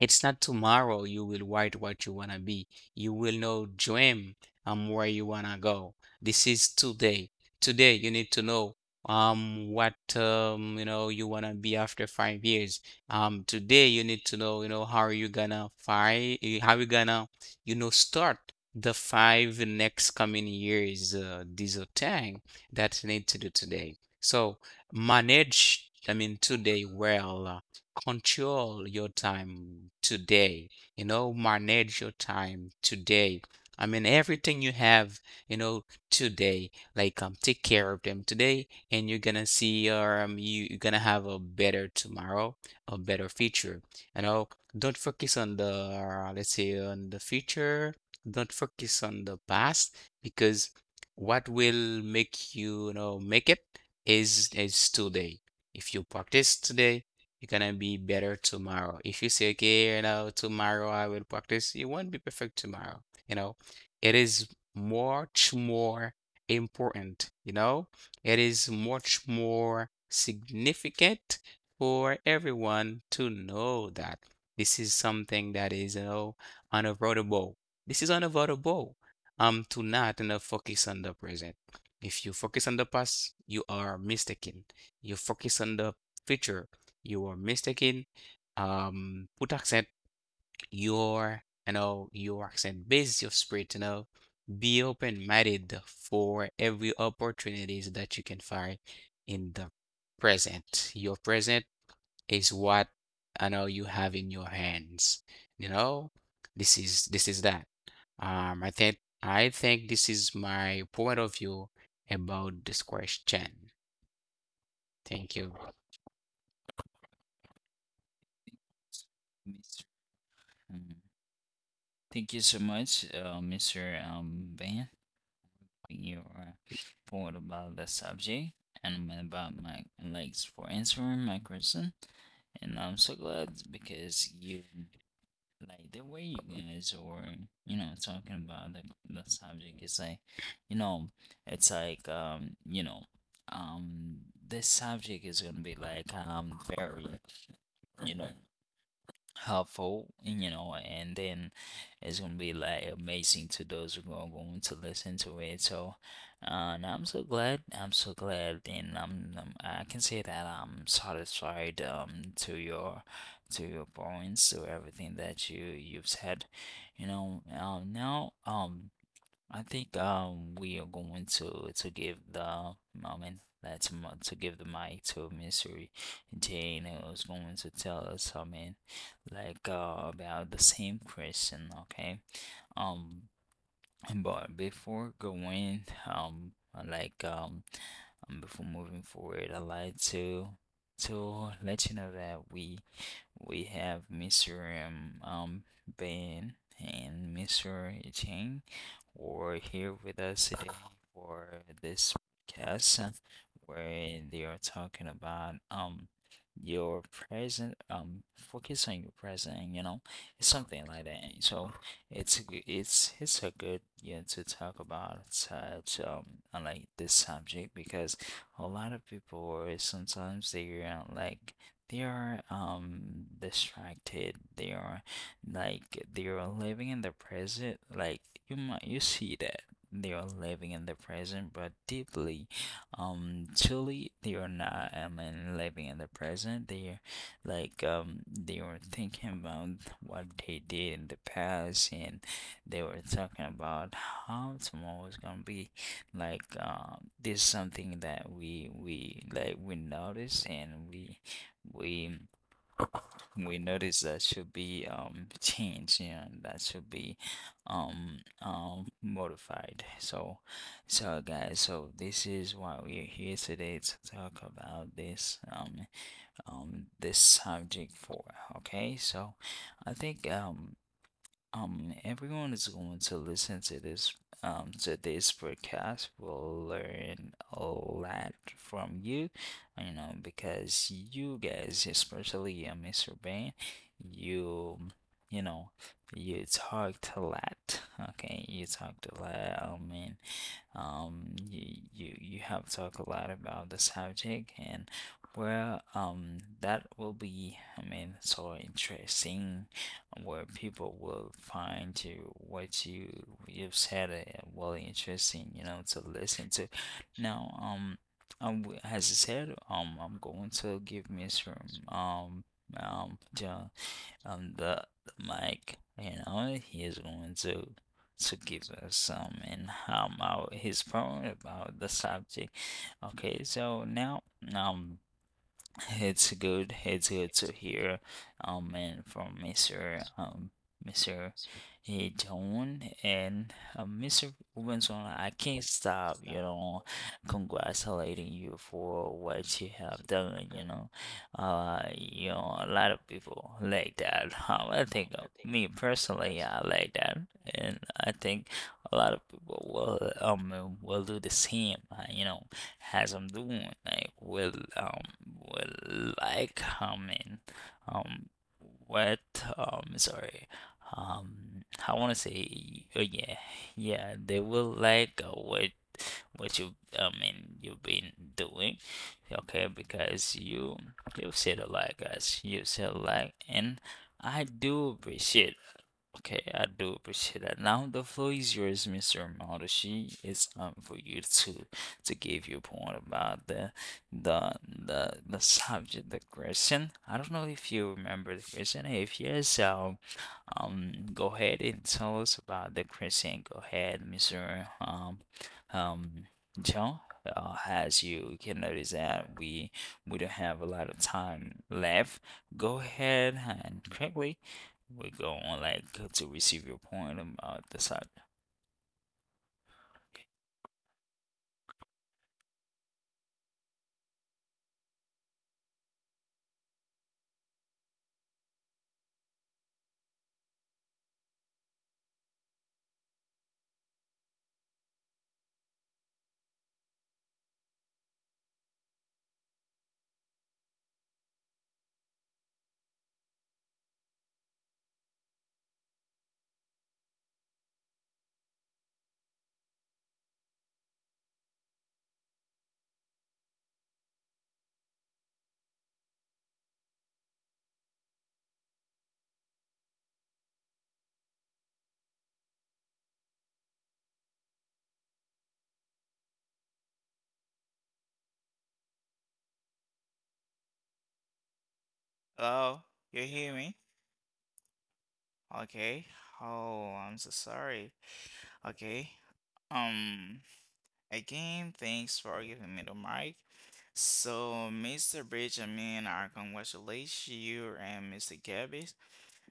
Speaker 2: It's not tomorrow you will write what you wanna be. You will know dream um where you wanna go. This is today. Today you need to know um what um you know you wanna be after five years. Um today you need to know you know how are you gonna fight, how you gonna, you know start the five next coming years, uh, these are things that you need to do today. So manage, I mean today, well control your time today, you know, manage your time today. I mean, everything you have, you know, today, like, um, take care of them today, and you're gonna see, or, um, you, you're gonna have a better tomorrow, a better future. You know, don't focus on the, uh, let's say, on the future. Don't focus on the past, because what will make you, you know, make it is is today. If you practice today, you're gonna be better tomorrow. If you say, okay, you know, tomorrow I will practice, you won't be perfect tomorrow. You know, it is much more important, you know, it is much more significant for everyone to know that this is something that is, you know, unavoidable. This is unavoidable. Um, to not, you know, focus on the present. If you focus on the past, you are mistaken. You focus on the future, you're mistaken. Um, put accent your, you know, your accent, base your spirit, you know. Be open-minded for every opportunities that you can find in the present. Your present is what I know you have in your hands. You know, this is this is that. Um, I think I think this is my point of view about this question. Thank you.
Speaker 1: Mm, thank you so much, uh, mister Um, Ben, for your point about the subject and about my legs for answering my question. And I'm so glad because you like the way you guys were, you know, talking about the the subject is like, you know, it's like um, you know, um, this subject is gonna be like um very, you know, helpful, you know, and then it's gonna be like amazing to those who are going to listen to it. So, uh, and I'm so glad, I'm so glad, and I'm, I'm I can say that I'm satisfied um to your to your points, to everything that you you've said, you know. Um, now, um. I think um we are going to to give the moment that's m- to give the mic to Mystery Jane, who's going to tell us, I mean like uh about the same question, okay? Um but before going, um, I like um, um, before moving forward, I like to to let you know that we we have mister Um, um Ben and mister Cheng were here with us today for this podcast, where they are talking about um your present, um focus on your present, you know, it's something like that. So it's it's it's a good yeah to talk about such um uh, like this subject, because a lot of people sometimes they are like they are um distracted, they are like they are living in the present, like you might you see that they are living in the present, but deeply um truly they are not, I mean living in the present, they like um, they were thinking about what they did in the past, and they were talking about how tomorrow is gonna be. Like um, this is something that we we like we notice, and we we we notice that should be um changed, you know, that should be um um modified. So, so guys, so this is why we're here today to talk about this. Um um this subject for. Okay, so I think um um everyone is going to listen to this um to this podcast will learn a lot from you, you know, because you guys, especially uh, Mr. Ben, you you know you talked a lot. Okay, you talked a lot, i mean um, you, you you have talked a lot about the subject. And well, um, that will be, I mean, so interesting where people will find to what you you've said uh, really interesting, you know, to listen to. Now, um, um, as I said, um, I'm going to give Miss Room, um, um, the on the, the mic. You know, he is going to to give us some and um, how his poem about the subject. Okay, so now um it's good. It's good to hear, um, and from mister um mister eh, John and uh, mister Robinson. I can't stop, you know, congratulating you for what you have done. You know, uh, you know, a lot of people like that. Um, I think uh, me personally, I like that, and I think a lot of people will um will do the same. uh, You know as I'm doing, like, will um will I come in? Um, what um sorry, um I want to say oh yeah, yeah, they will like uh, what what you I mean you've been doing, okay? Because you you said a lot, guys. You said a lot, and I do appreciate. Okay, I do appreciate that. Now the floor is yours, mister Marushi. It's um for you to to give your point about the the the the subject, the question. I don't know if you remember the question. If yes, um, um, go ahead and tell us about the question. Go ahead, mister Um, um, John. Uh, as you can notice that we we don't have a lot of time left. Go ahead and quickly we're going like to receive your point about the side.
Speaker 3: Hello, you hear me? Okay. Oh, I'm so sorry. Okay. Um, Again, thanks for giving me the mic. So, mister Benjamin, I congratulate you and mister Gabby.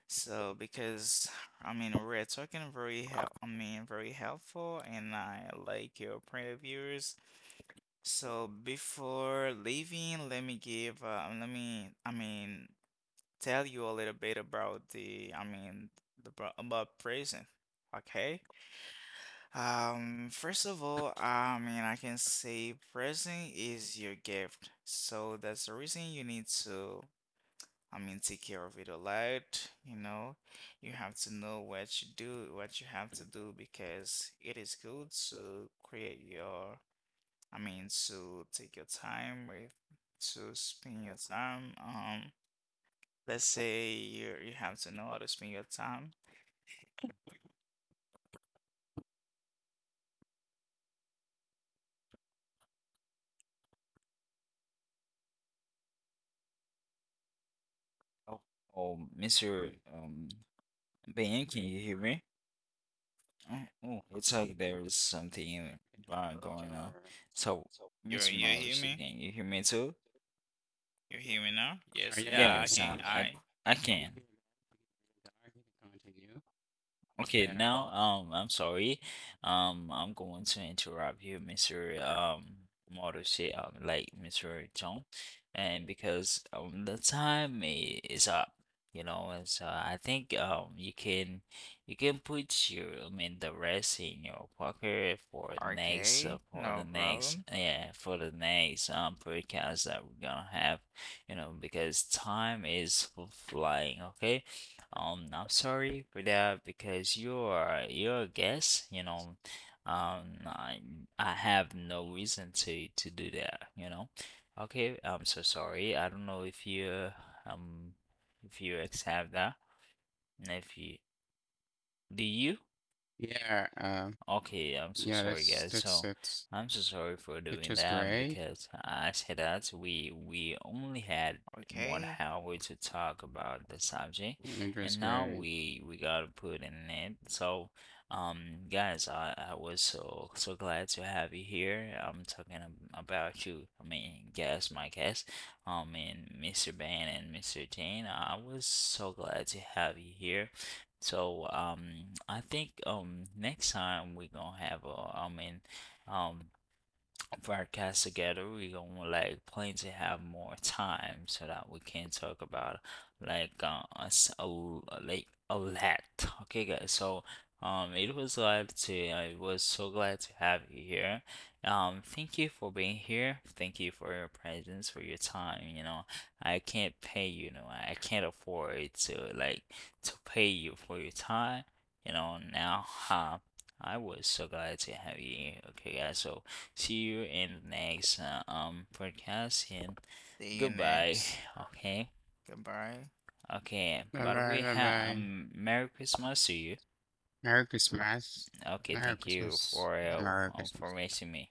Speaker 3: So, because I mean, we're talking very help, I mean, very helpful, and I like your previews. So, before leaving, let me give, uh, let me, I mean, tell you a little bit about the, I mean, the pro- about prison. Okay. Um, first of all, I mean, I can say prison is your gift. So that's the reason you need to, I mean, take care of it a lot. You know, you have to know what you do, what you have to do because it is good to create your, I mean, to take your time with, to spend your time. Um, Let's say you you have to know how to spend your time.
Speaker 1: Oh, oh, mister Um, Ben, can you hear me? Oh, oh, it's like there is something bad going on.
Speaker 3: Hello?
Speaker 1: So,
Speaker 3: You
Speaker 1: mister
Speaker 3: you hear
Speaker 1: Morrissey,
Speaker 3: me?
Speaker 1: can you hear me too?
Speaker 3: You hear me now?
Speaker 2: I
Speaker 3: Yes,
Speaker 2: can hear right in here. Or yeah, you
Speaker 3: yeah,
Speaker 2: can
Speaker 3: I
Speaker 1: Yes,
Speaker 2: hear.
Speaker 3: can.
Speaker 1: I, I,
Speaker 3: I
Speaker 1: I
Speaker 2: Yeah, you
Speaker 1: can.
Speaker 2: hear that? I can continue.
Speaker 1: Okay,
Speaker 2: Yeah,
Speaker 1: now, um, I'm sorry. Um, I'm going to interrupt you, mister Um, Morrissey, um, like mister Chong, and because um, the time i- is up, you know, and so I think um, you can you can put your, I mean, the rest in your pocket for next uh,
Speaker 3: okay,
Speaker 1: for the
Speaker 3: no
Speaker 1: next
Speaker 3: problem.
Speaker 1: yeah for the next um podcast that we're gonna have, you know, because time is flying. Okay. Um, I'm sorry for that because you're you're a guest, you know. Um, I I have no reason to to do that, you know. Okay, I'm so sorry. I don't know if you um if you accept that. And if you do you?
Speaker 2: yeah, um,
Speaker 1: Okay, I'm so
Speaker 2: yeah.
Speaker 1: sorry,
Speaker 2: That's
Speaker 1: guys.
Speaker 2: that's
Speaker 1: So
Speaker 2: that's.
Speaker 1: I'm so sorry for
Speaker 2: It
Speaker 1: doing
Speaker 2: was
Speaker 1: that
Speaker 2: great.
Speaker 1: because I said that we we only had one
Speaker 3: Okay,
Speaker 1: hour to talk about the subject,
Speaker 2: It was
Speaker 1: and now
Speaker 2: great.
Speaker 1: we we gotta put in it. So, um, guys, I I was so so glad to have you here. I'm talking ab- about you. I mean, guess my guest, um, and mister Ben and mister Jane. I was so glad to have you here. So um, I think um next time we're gonna have a I mean um broadcast together. We gonna like plan to have more time so that we can talk about like uh us a like a lot. Okay, guys. So um, it was glad to I was so glad to have you here. Um, thank you for being here. Thank you for your presence, for your time. You know, I can't pay you. You know, I can't afford to like to pay you for your time. You know, now, huh? I was so glad to have you here. Okay, guys. So see you in the next uh, um podcast and
Speaker 3: see you
Speaker 1: goodbye.
Speaker 3: next.
Speaker 1: Okay.
Speaker 3: Goodbye.
Speaker 1: Okay.
Speaker 2: Bye
Speaker 1: But
Speaker 2: bye
Speaker 1: we
Speaker 2: bye
Speaker 1: have
Speaker 2: bye.
Speaker 1: um Merry Christmas to you.
Speaker 2: Merry Christmas.
Speaker 1: Okay,
Speaker 2: Merry
Speaker 1: thank you
Speaker 2: Christmas.
Speaker 1: for
Speaker 2: Merry
Speaker 1: uh, for
Speaker 2: Christmas.
Speaker 1: missing me.